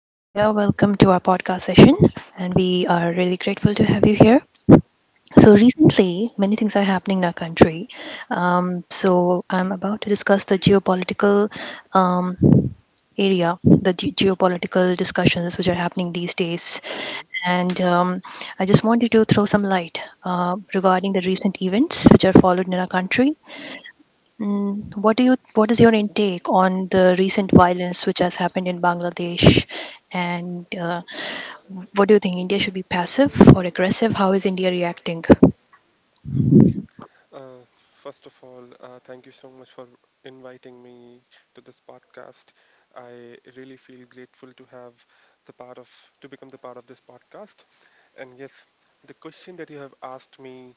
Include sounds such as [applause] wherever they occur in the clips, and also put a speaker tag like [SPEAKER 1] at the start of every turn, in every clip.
[SPEAKER 1] Hi, Ditya. Welcome to our podcast session. And we are really grateful to have you here. So, recently, many things are happening in our country. I'm about to discuss the geopolitical um, area, the geopolitical discussions which are happening these days.
[SPEAKER 2] hmm
[SPEAKER 1] And I just wanted to throw some light regarding the recent events which are followed in our country. What is your intake on the recent violence which has happened in Bangladesh, and what do you think? India should be passive or aggressive? How is India reacting?
[SPEAKER 2] Okay. Uh, First of all, thank you so much for inviting me to this podcast. I really feel grateful to have the part of to become the part of this podcast. And yes, the question that you have asked me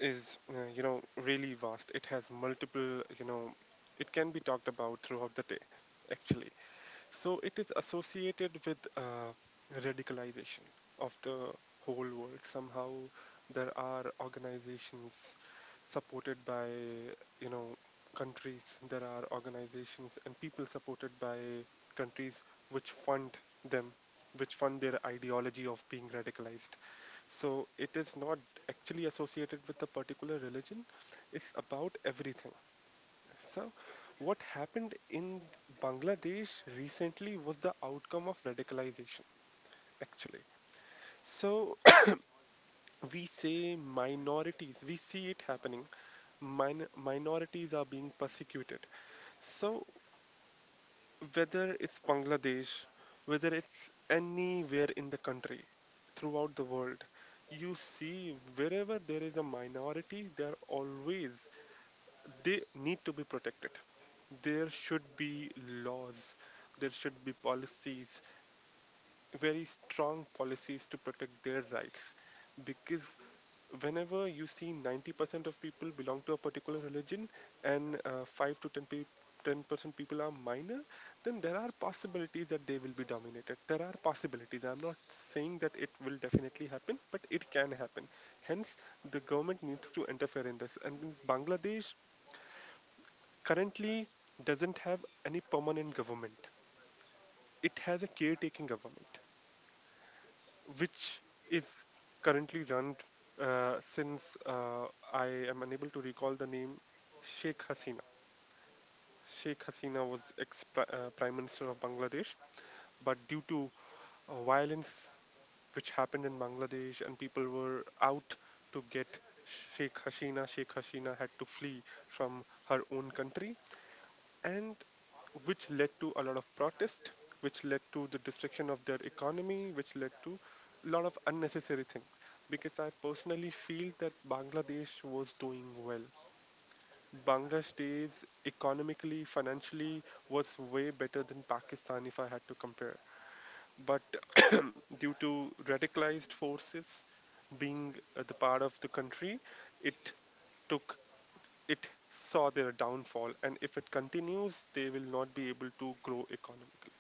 [SPEAKER 2] is, you know, really vast. It has multiple, you know, it can be talked about throughout the day, actually. So it is associated with radicalization of the whole world. Somehow there are organizations supported by, you know, countries. There are organizations and people supported by countries which fund them, which fund their ideology of being radicalized. So it is not actually associated with a particular religion. It's about everything. So, what happened in Bangladesh recently was the outcome of radicalization, actually. So, [clears throat] we say minorities, we see it happening. Minorities are being persecuted. So, whether it's Bangladesh, whether it's anywhere in the country, throughout the world, you see wherever there is a minority, they are always they need to be protected. There should be laws, there should be policies, very strong policies to protect their rights. Because whenever you see 90% of people belong to a particular religion and 5 to 10% people are minor, then there are possibilities that they will be dominated. There are possibilities. I'm not saying that it will definitely happen, but it can happen. Hence, the government needs to interfere in this. And in Bangladesh, currently doesn't have any permanent government. It has a caretaking government, which is currently run since I am unable to recall the name Sheikh Hasina. Sheikh Hasina was ex Prime Minister of Bangladesh, but due to violence which happened in Bangladesh and people were out to get Sheikh Hasina, Sheikh Hasina had to flee from her own country and which led to a lot of protest, which led to the destruction of their economy, which led to a lot of unnecessary things. Because I personally feel that Bangladesh was doing well. Bangladesh economically, financially was way better than Pakistan if I had to compare. But [clears throat] due to radicalized forces being the part of the country, it took it saw their downfall, and if it continues, they will not be able to grow economically.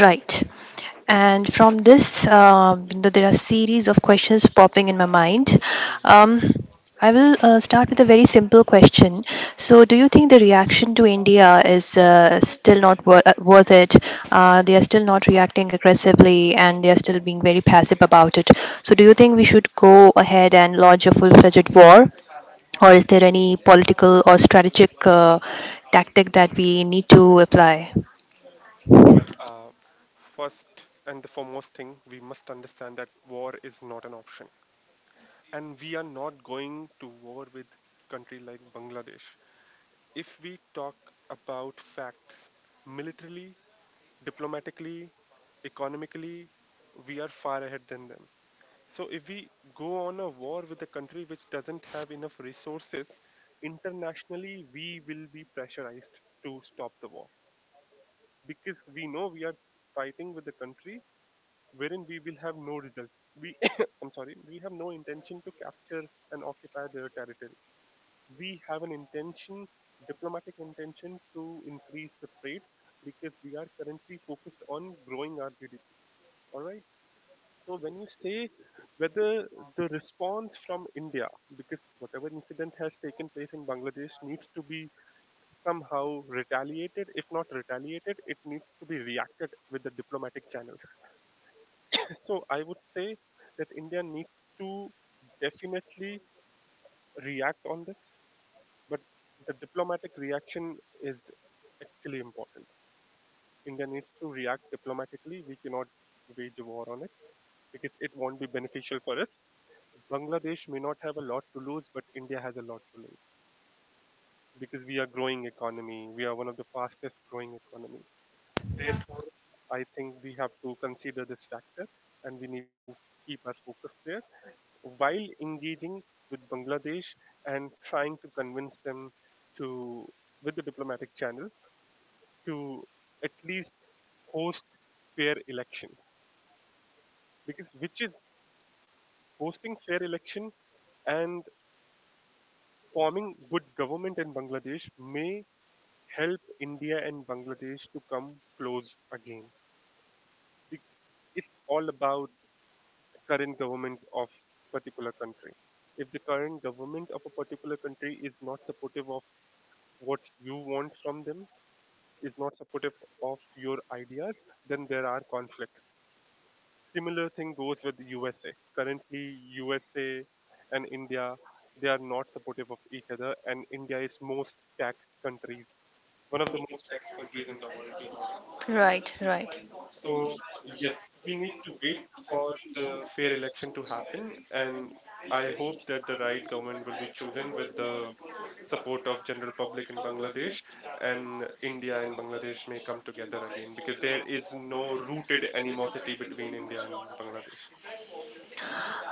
[SPEAKER 1] Right. And from this, you there are series of questions popping in my mind.
[SPEAKER 2] Mhm.
[SPEAKER 1] Um, I will start with a very simple question. So, do you think the reaction to India is still not worth it? They are still not reacting aggressively, and they are still being very passive about it. So, do you think we should go ahead and launch a full-fledged war, or is there any political or strategic tactic that we need to apply?
[SPEAKER 2] Well, first and the foremost thing, we must understand that war is not an option. And we are not going to war with country like Bangladesh. If we talk about facts, militarily, diplomatically, economically, we are far ahead than them. So if we go on a war with a country which doesn't have enough resources, internationally we will be pressurized to stop the war because we know we are fighting with a country wherein we will have no result. We, [coughs] I'm sorry, we have no intention to capture and occupy their territory. We have an intention, diplomatic intention, to increase the trade because we are currently focused on growing our GDP. All right. So when you say whether the response from India, because whatever incident has taken place in Bangladesh needs to be somehow retaliated, if not retaliated, it needs to be reacted with the diplomatic channels. [laughs] So I would say that India needs to definitely react on this, but the diplomatic reaction is actually important. India needs to react diplomatically. We cannot wage a war on it because it won't be beneficial for us. Bangladesh may not have a lot to lose, but India has a lot to lose because we are growing economy. We are one of the fastest growing economy. I think we have to consider this factor and we need to keep our focus there while engaging with Bangladesh and trying to convince them to, with the diplomatic channel, to at least host fair elections because which is hosting fair election and forming good government in Bangladesh may help India and Bangladesh to come close again. Be- It's all about current government of particular country. If the current government of a particular country is not supportive of what you want from them, is not supportive of your ideas, then there are conflicts. Similar thing goes with the USA. Currently, USA and India they are not supportive of each other, and India is most taxed countries, one of the most taxed countries in.
[SPEAKER 1] Right, right.
[SPEAKER 2] So yes, we need to wait for the fair election to happen, and I hope that the right government will be chosen with the support of general public in Bangladesh, and India and Bangladesh may come together again because there is no rooted animosity between India and Bangladesh.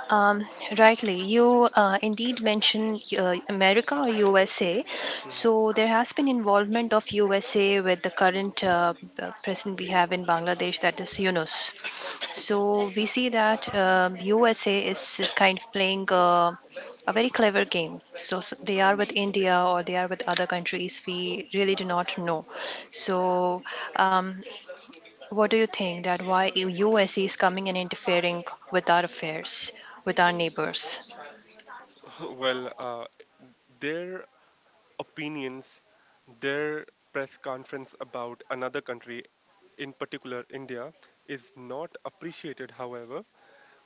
[SPEAKER 1] Um, Rightly, you indeed mentioned America or USA.
[SPEAKER 2] Mm-hmm.
[SPEAKER 1] So there has been involvement of USA with the current president we have in Bangladesh, that is Yunus. So we see that USA is kind of playing a very clever game. They are with India or they are with other countries. We really do not know. So um, what do you think that why US is coming and interfering with our affairs, with our neighbors?
[SPEAKER 2] [laughs] Well, their opinions, their press conference about another country, in particular India, is not appreciated, however.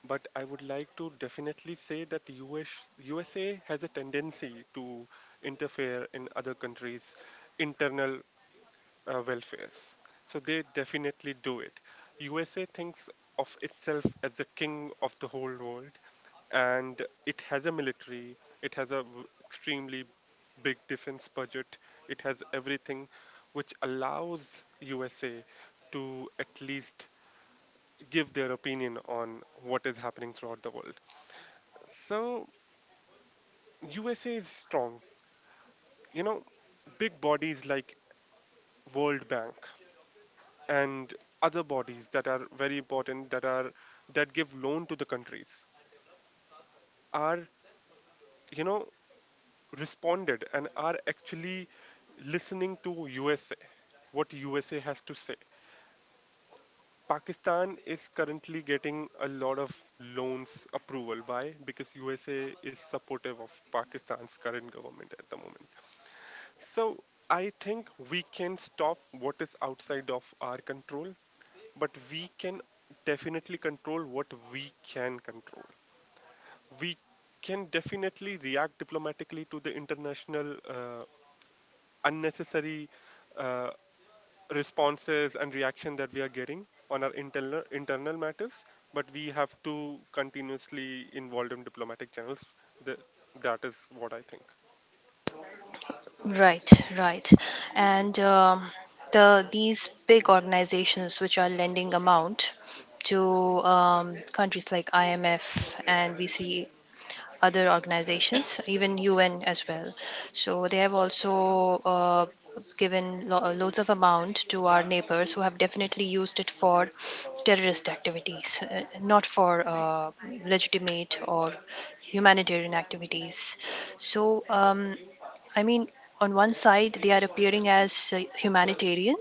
[SPEAKER 2] But I would like to definitely say that USA has a tendency to interfere in other countries' internal welfares. So they definitely do it. USA thinks of itself as the king of the whole world, and it has a military, it has a extremely big defense budget, it has everything which allows USA to at least give their opinion on what is happening throughout the world. So USA is strong. You know, big bodies like World Bank and other bodies that are very important that are that give loan to the countries are, you know, responded and are actually listening to USA what USA has to say. Pakistan is currently getting a lot of loans approval. Why? Because USA is supportive of Pakistan's current government at the moment. So I think we can stop what is outside of our control, but we can definitely control what we can control. We can definitely react diplomatically to the international unnecessary uh, responses and reaction that we are getting on our internal matters, but we have to continuously involved in diplomatic channels. The, that is what I think.
[SPEAKER 1] Right, right. And These big organizations which are lending amount to countries like IMF and VC, other organizations, even UN as well. So they have also given loads of amount to our neighbors, who have definitely used it for terrorist activities, not for legitimate or humanitarian activities. So I mean, on one side they are appearing as humanitarian,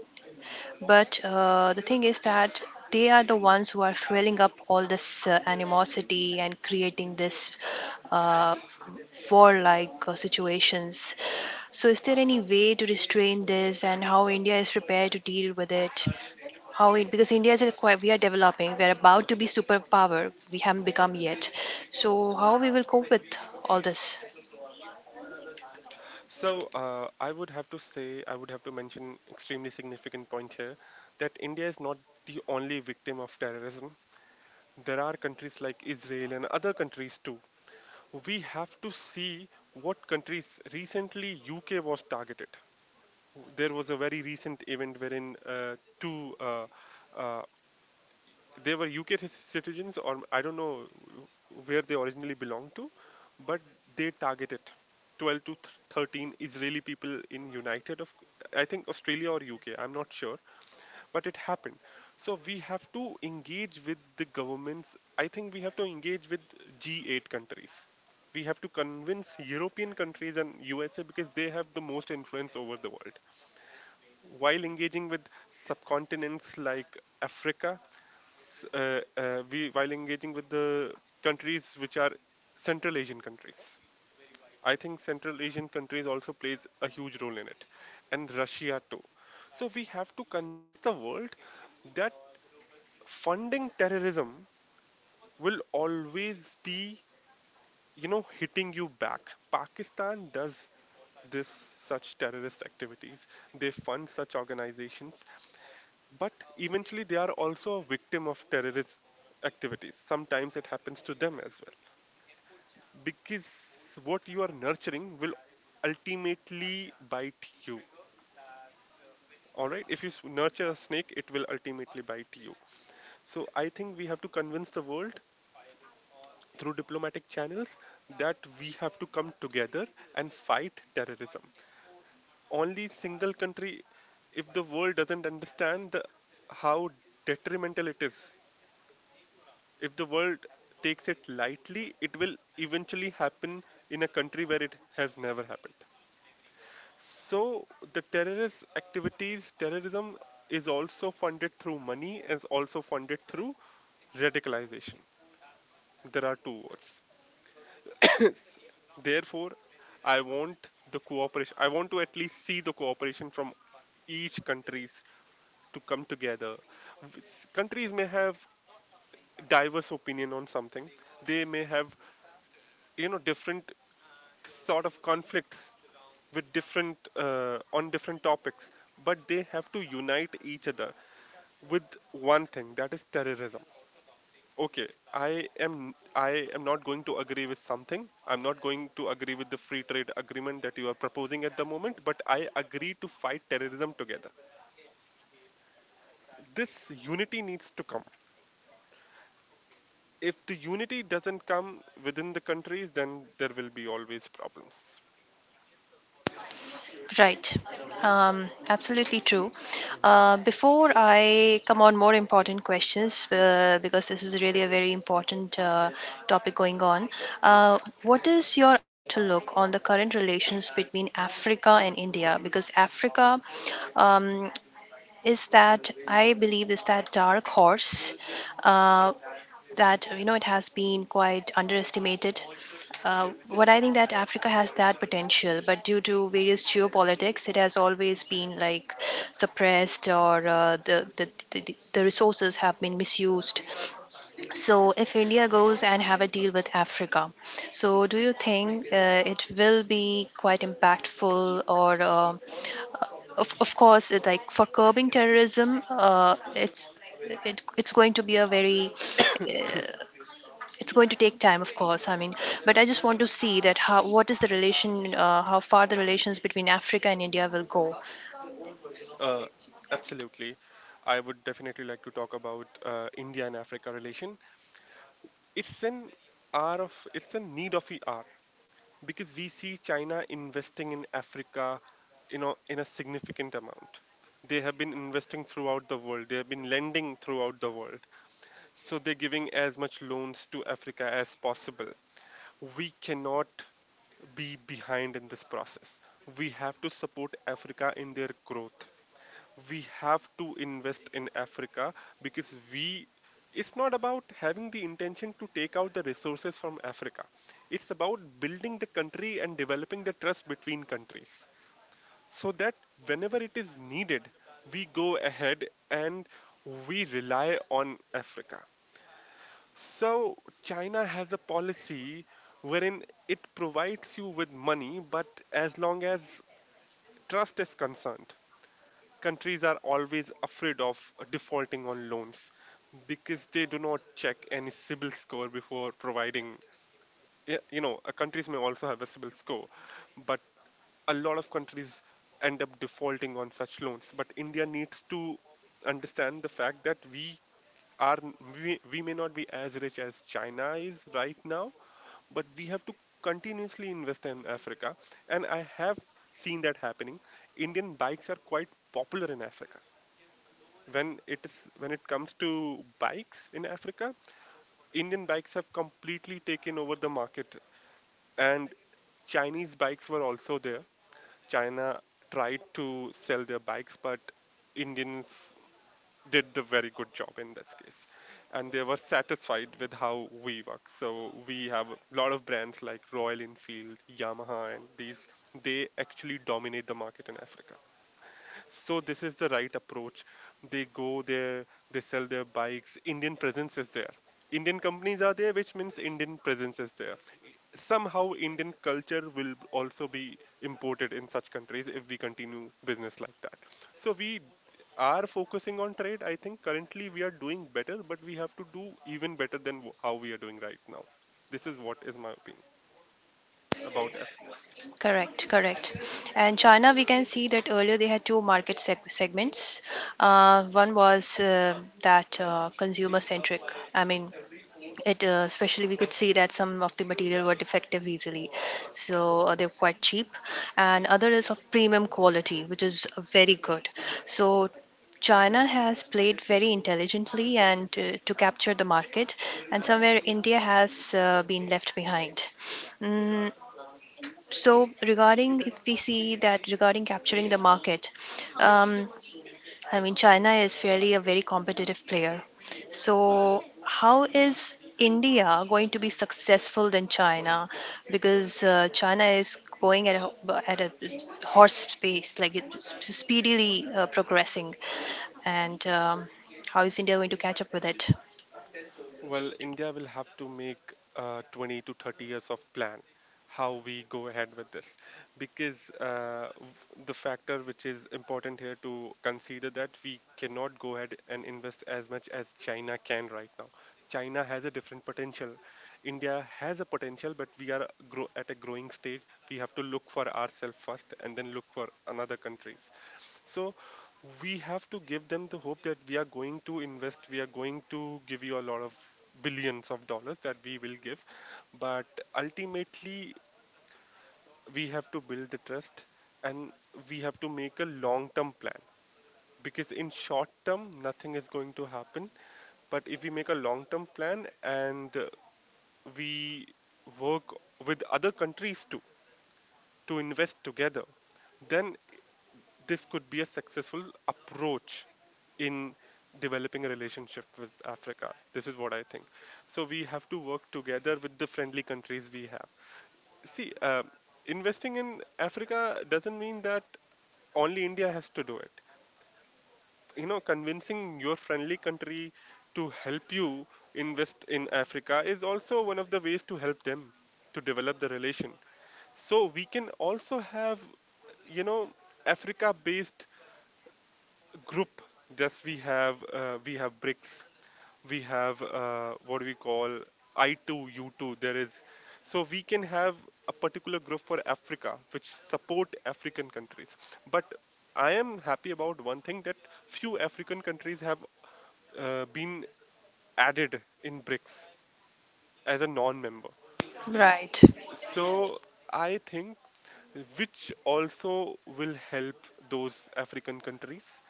[SPEAKER 1] but the thing is that they are the ones who are fueling up all this animosity and creating this uh, warlike situations. So, is there any way to restrain this, and how India is prepared to deal with it? How it, because India is a quite, we are developing, we are about to be superpower. We haven't become yet. So, how we will cope with all this?
[SPEAKER 2] So I would have to say, I would have to mention extremely significant point here that India is not the only victim of terrorism. There are countries like Israel and other countries too. We have to see what countries recently UK was targeted. There was a very recent event wherein two uh, they were UK citizens, or I don't know where they originally belonged to, but they targeted 12 to 13 Israeli people in United of, I think Australia or UK. I'm not sure, but it happened. So we have to engage with the governments. I think we have to engage with G8 countries. We have to convince European countries and USA because they have the most influence over the world while engaging with subcontinents like Africa we while engaging with the countries which are Central Asian countries. I think Central Asian countries also plays a huge role in it, and Russia too. So we have to convince the world that funding terrorism will always be, you know, hitting you back. Pakistan does this such terrorist activities. They fund such organizations, but eventually they are also a victim of terrorist activities. Sometimes it happens to them as well, because what you are nurturing will ultimately bite you. All right, if you nurture a snake, it will ultimately bite you. So I think we have to convince the world through diplomatic channels that we have to come together and fight terrorism. Only single country, if the world doesn't understand the, how detrimental it is. If the world takes it lightly, it will eventually happen in a country where it has never happened. So the terrorist activities, terrorism is also funded through money, is also funded through radicalization. There are two words. [coughs] Therefore, I want the cooperation. I want to at least see the cooperation from each countries to come together. Countries may have diverse opinion on something. They may have, you know, different sort of conflicts with different on different topics, but they have to unite each other with one thing, that is terrorism. Okay, I am I am not going to agree with something. I'm not going to agree with the free trade agreement that you are proposing at the moment, but I agree to fight terrorism together. This unity needs to come. If the unity doesn't come within the countries, then there will be always problems.
[SPEAKER 1] Right. Absolutely true. Before I come on more important questions, because this is really a very important topic going on,
[SPEAKER 2] Mm-hmm.
[SPEAKER 1] what is your outlook on the current relations between Africa and India? Because Africa um, is that, I believe, is that dark horse uh, that, you know, it has been quite underestimated. Uh, what I think that Africa has that potential, but due to various geopolitics, it has always been like suppressed or the resources have been misused. So if India goes and have a deal with Africa, so do you think it will be quite impactful? Or of course, it, like for curbing terrorism, it's going to be a very uh, it's going to take time, of course, I mean, but I just want to see that how, what is the relation, how far the relations between Africa and India will go.
[SPEAKER 2] Uh, Absolutely. I would definitely like to talk about India and Africa relation. It's an hour of it's a need of the hour, because we see China investing in Africa, you know, in a significant amount. They have been investing throughout the world. They have been lending throughout the world. So they're giving as much loans to Africa as possible. We cannot be behind in this process. We have to support Africa in their growth. We have to invest in Africa because we it's not about having the intention to take out the resources from Africa. It's about building the country and developing the trust between countries so that whenever it is needed, we go ahead and we rely on Africa. So, China has a policy wherein it provides you with money, but as long as trust is concerned, countries are always afraid of defaulting on loans because they do not check any CIBIL score before providing. Countries may also have a CIBIL score, but a lot of countries end up defaulting on such loans. But India needs to understand the fact that we we may not be as rich as China is right now, but we have to continuously invest in Africa, and I have seen that happening. Indian bikes are quite popular in Africa when it comes to bikes in Africa, Indian bikes have completely taken over the market, and Chinese bikes were also there. China tried to sell their bikes, but Indians did the very good job in this case, and they were satisfied with how we work. So we have a lot of brands like Royal Enfield, Yamaha, and these they actually dominate the market in Africa. So this is the right approach. They go there, they sell their bikes. Indian presence is there. Indian companies are there, which means Indian presence is there. Somehow, Indian culture will also be imported in such countries if we continue business like that. So we are focusing on trade. I think currently we are doing better, but we have to do even better than how we are doing right now. This is what is my opinion about.
[SPEAKER 1] Correct, correct. And China, we can see that earlier they had two market segments. One was that consumer centric, I mean, it especially, we could see that some of the material were defective easily, so they're quite cheap, and other is of premium quality, which is very good. So China has played very intelligently and to capture the market, and somewhere India has been left behind. Mm, so regarding, if we see that regarding capturing the market, um, I mean, China is fairly a very competitive player. So, how is India going to be successful than China? Because China is going at a, at a horse pace, like it's speedily progressing. And how is India going to catch up with it?
[SPEAKER 2] Well, India will have to make 20 to 30 years of plan how we go ahead with this because the factor which is important here to consider that we cannot go ahead and invest as much as China can right now. China has a different potential. India has a potential, but we are at a growing stage. We have to look for ourselves first and then look for another countries. So we have to give them the hope that we are going to invest, we are going to give you a lot of billions of dollars that we will give. But ultimately, we have to build the trust and we have to make a long term plan because in short term nothing is going to happen but if we make a long term plan and we work with other countries too to invest together then this could be a successful approach in developing a relationship with Africa. This is what I think. So we have to work together with the friendly countries we have. See, investing in Africa doesn't mean that only India has to do it. You know, convincing your friendly country to help you invest in Africa is also one of the ways to help them to develop the relation. So we can also have, you know, Africa based group. Just we have bricks we have what do we call, I2 U2, there is, so we can have a particular group for Africa which support African countries. But I am happy about one thing that few African countries have been added in BRICS as a non member.
[SPEAKER 1] Right.
[SPEAKER 2] So I think which also will help those African countries,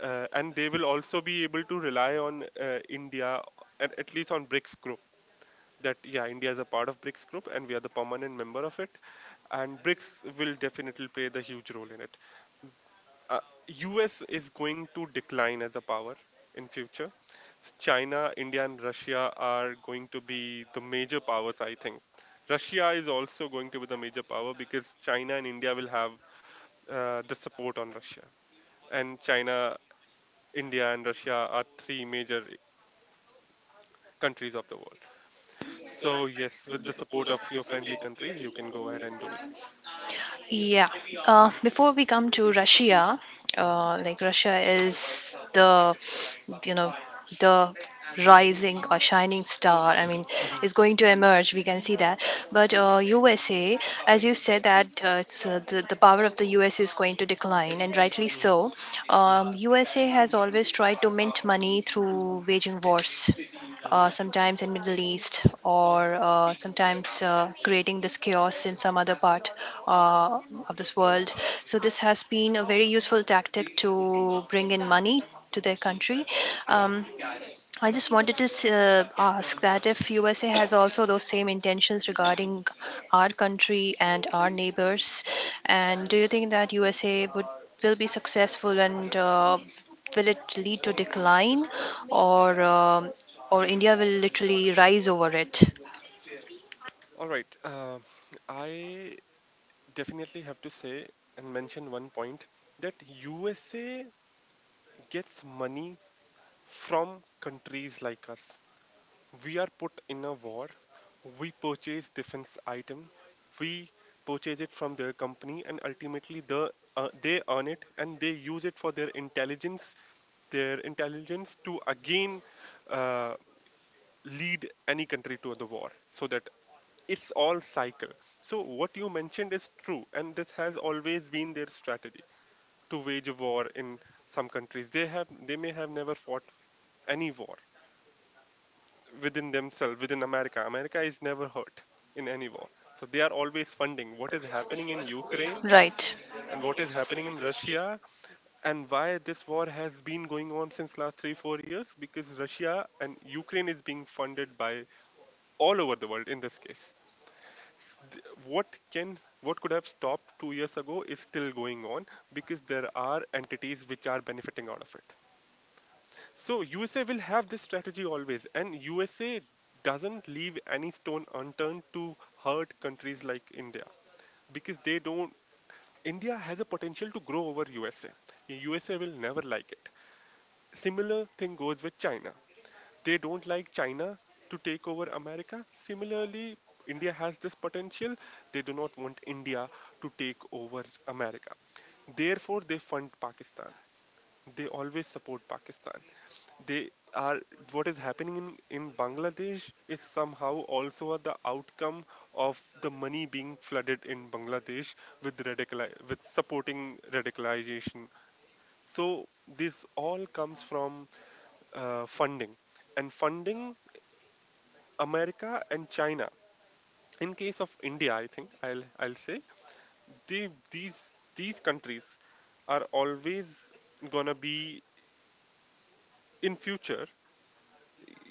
[SPEAKER 2] and they will also be able to rely on India, at least on BRICS group. That yeah, India is a part of BRICS group, and we are the permanent member of it, and BRICS will definitely play the huge role in it. uh, US is going to decline as a power in future. So China, India, and Russia are going to be the major powers. I think Russia is also going to be the major power because China and India will have the support on Russia, and China, India, and Russia are three major countries of the world. So yes, with the support of your friendly countries, you can go ahead and do this.
[SPEAKER 1] Yeah. Before we come to Russia,
[SPEAKER 2] Mhm,
[SPEAKER 1] like Russia is the, you know, the
[SPEAKER 2] mhm,
[SPEAKER 1] rising or shining star. I mean,
[SPEAKER 2] mhm,
[SPEAKER 1] it's going to emerge. We can see that. But
[SPEAKER 2] mhm, mhm,
[SPEAKER 1] USA, as you said, that it's the power of the USA is going to decline, and rightly
[SPEAKER 2] mhm,
[SPEAKER 1] so. USA has always tried to mint money through waging wars,
[SPEAKER 2] mhm, mhm,
[SPEAKER 1] sometimes in Middle East, or sometimes creating this chaos in some other part uh, of this world. So this has been a very useful tactic to bring in money to their country.
[SPEAKER 2] mhm.
[SPEAKER 1] um, I just wanted to ask that if USA has also those same intentions regarding our country and our neighbors, and do you think that USA would will be successful and will it lead to decline, or um or India will literally rise over it?
[SPEAKER 2] All right. I definitely have to say and mention one point that USA gets money from countries like us. We are put in a war. We purchase defense item. We purchase it from their company, and ultimately, they earn it and they use it for their intelligence. Their intelligence to again uh, lead any country to the war so that it's all cycle. So what you mentioned is true, and this has always been their strategy to wage a war in some countries. They have they may have never fought any war within themselves. Within America, America is never hurt in any war. So they are always funding what is happening in Ukraine
[SPEAKER 1] Right.
[SPEAKER 2] and what is happening in Russia. And why this war has been going on since last 3 4 years? Because Russia and Ukraine is being funded by all over the world in this case. st- what can what could have stopped 2 years ago is still going on because there are entities which are benefiting out of it. So USA will have this strategy always, and USA doesn't leave any stone unturned to hurt countries like India. Because they don't India has a potential to grow over USA, USA will never like it. Similar thing goes with China. They don't like China to take over America. Similarly, India has this potential. They do not want India to take over America. Therefore, they fund Pakistan. They always support Pakistan. They are, what is happening in Bangladesh is somehow also the outcome of the money being flooded in Bangladesh with radical with supporting radicalization. So this all comes from funding and funding America and China. In case of India, I think I'll say they, these countries are always gonna be in future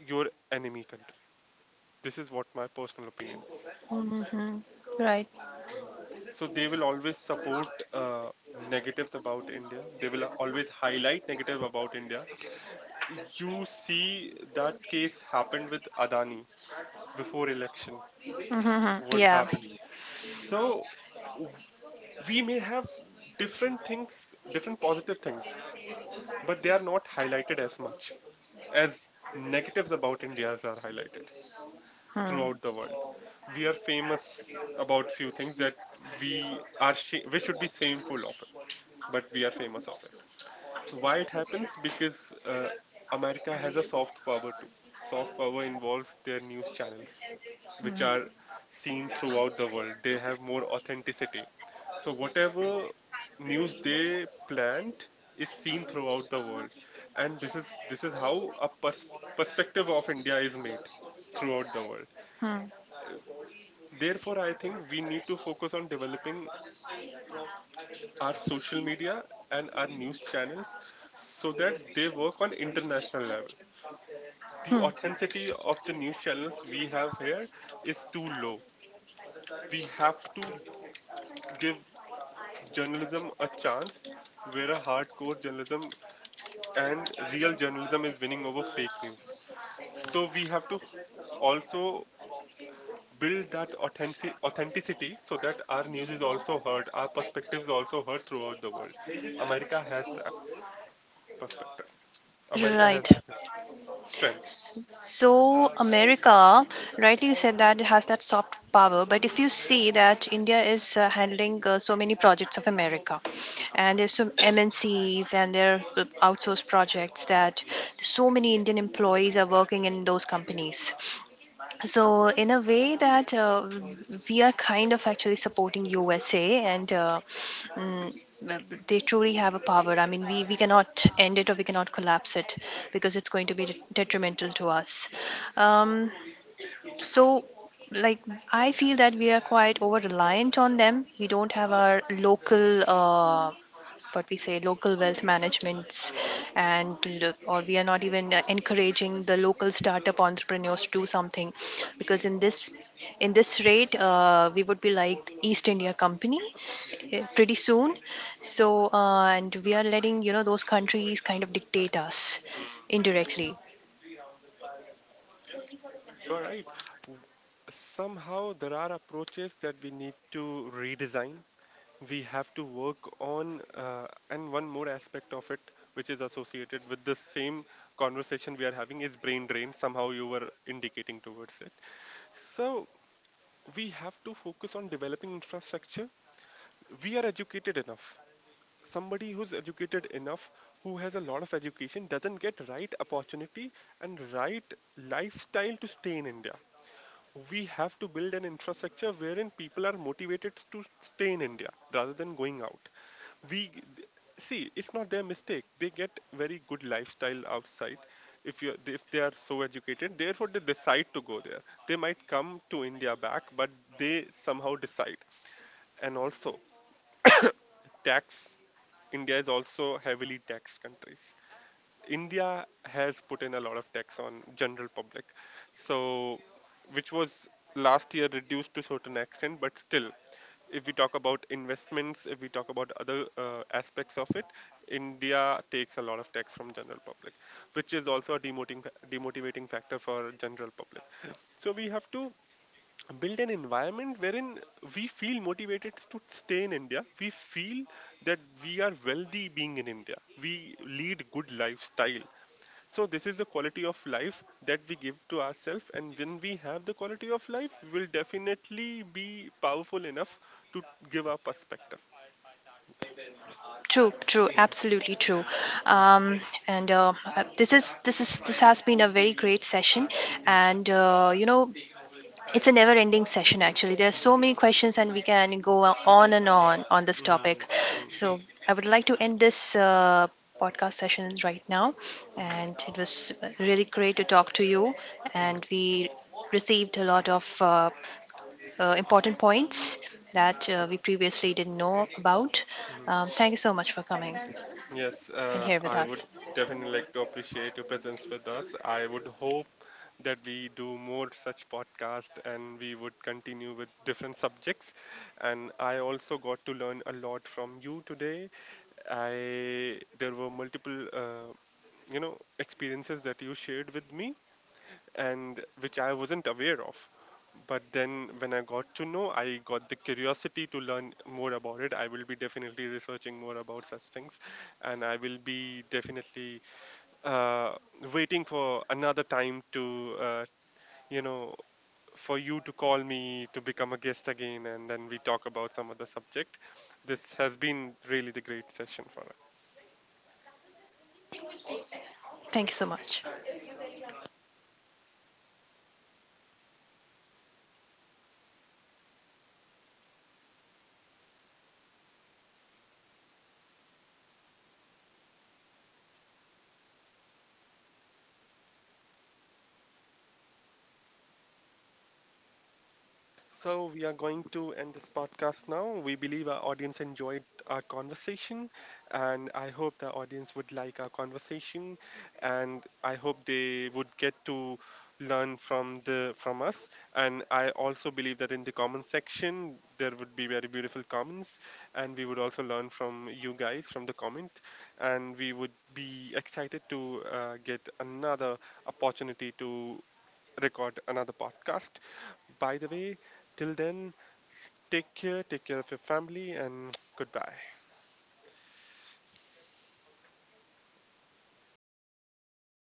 [SPEAKER 2] your enemy country. This is what my personal opinion is.
[SPEAKER 1] Hmm. Right.
[SPEAKER 2] So they will always support negatives about India. They will always highlight negative about India. You see that case happened with Adani before election,
[SPEAKER 1] Hmm.
[SPEAKER 2] what
[SPEAKER 1] Yeah.
[SPEAKER 2] happened. So, w- we may have different things, different positive things, but they are not highlighted as much as negatives about India's are highlighted
[SPEAKER 1] Hmm.
[SPEAKER 2] throughout the world. We are famous about few things that we should be shameful of it, but we are famous of it. So why it happens? Because America has a soft power too. Soft power involves their news channels, which are seen throughout the world. They have more authenticity. So whatever news they plant is seen throughout the world, and this is how a perspective of India is made throughout the world.
[SPEAKER 1] Hmm.
[SPEAKER 2] Therefore, I think we need to focus on developing our social media and our news channels so that they work on international level. The authenticity of the news channels we have here is too low. We have to give journalism a chance where a hardcore journalism and real journalism is winning over fake news. So we have to also build that authenticity so that our news is also heard, our perspectives also heard throughout the world. America has that perspective. America has
[SPEAKER 1] Right.
[SPEAKER 2] that strength.
[SPEAKER 1] So, America, rightly you said that it has that soft power, but if you see that India is handling so many projects of America, and there's some MNCs, and there are outsourced projects, that so many Indian employees are working in those companies. So in a way that we are kind of actually supporting USA, and mm, they truly have a power. I mean, we cannot end it or we cannot collapse it because it's going to be detrimental to us. Um, so like I feel that we are quite over reliant on them. We don't have our local, what we say, local wealth managements and or we are not even encouraging the local startup entrepreneurs to do something, because in this, in this rate, we would be like East India Company pretty soon. So and we are letting, you know, those countries kind of dictate us indirectly.
[SPEAKER 2] All right. W- Somehow there are approaches that we need to redesign. We have to work on, and one more aspect of it, which is associated with the same conversation we are having, is brain drain. Somehow you were indicating towards it. So we have to focus on developing infrastructure. We are educated enough. Somebody who's educated enough, who has a lot of education, doesn't get right opportunity and right lifestyle to stay in India. We have to build an infrastructure wherein people are motivated to stay in India rather than going out. We see it's not their mistake. They get very good lifestyle outside if they are so educated. Therefore, they decide to go there. They might come to India back, but they somehow decide. And also, tax. India is also heavily taxed countries. India has put in a lot of tax on general public, so which was last year reduced to certain extent, but still, if we talk about investments, if we talk about other aspects of it, India takes a lot of tax from general public, which is also a demoting, demotivating factor for general public. So we have to build an environment wherein we feel motivated to stay in India. We feel that we are wealthy being in India. We lead good lifestyle. So this is the quality of life that we give to ourselves, and when we have the quality of life, we will definitely be powerful enough to give our perspective.
[SPEAKER 1] True, true,
[SPEAKER 2] Mm,
[SPEAKER 1] absolutely true.
[SPEAKER 2] mm,
[SPEAKER 1] Um, and this is, this is, this has been a very great session, and you know, it's a never ending session, actually. There are so many questions, and we can go on and on on this
[SPEAKER 2] mm,
[SPEAKER 1] topic.
[SPEAKER 2] mm, mm,
[SPEAKER 1] So, I would like to end this podcast session right now.
[SPEAKER 2] mm,
[SPEAKER 1] And it was really great to talk to you.
[SPEAKER 2] mm,
[SPEAKER 1] And we received a lot of important points that we previously didn't know about.
[SPEAKER 2] mm.
[SPEAKER 1] Thank you so much for coming
[SPEAKER 2] Yes,
[SPEAKER 1] and here with
[SPEAKER 2] I would
[SPEAKER 1] us.
[SPEAKER 2] definitely like to appreciate your presence with us. I would hope that we do more such podcast and we would continue with different subjects. And I also got to learn a lot from you today. I There were multiple you know experiences that you shared with me and which I wasn't aware of. But then when I got to know, I got the curiosity to learn more about it. I will be definitely researching more about such things, and I will be definitely uh, waiting for another time to, you know, for you to call me to become a guest again, and then we talk about some other subject. This has been really the great session for us.
[SPEAKER 1] Thank you so much.
[SPEAKER 2] So, we are going to end this podcast now. We believe our audience enjoyed our conversation, and I hope the audience would like our conversation, and I hope they would get to learn from the from us. And I also believe that in the comment section there would be very beautiful comments, and we would also learn from you guys from the comment, and we would be excited to get another opportunity to record another podcast. By the way, till then, take care of your family, and goodbye.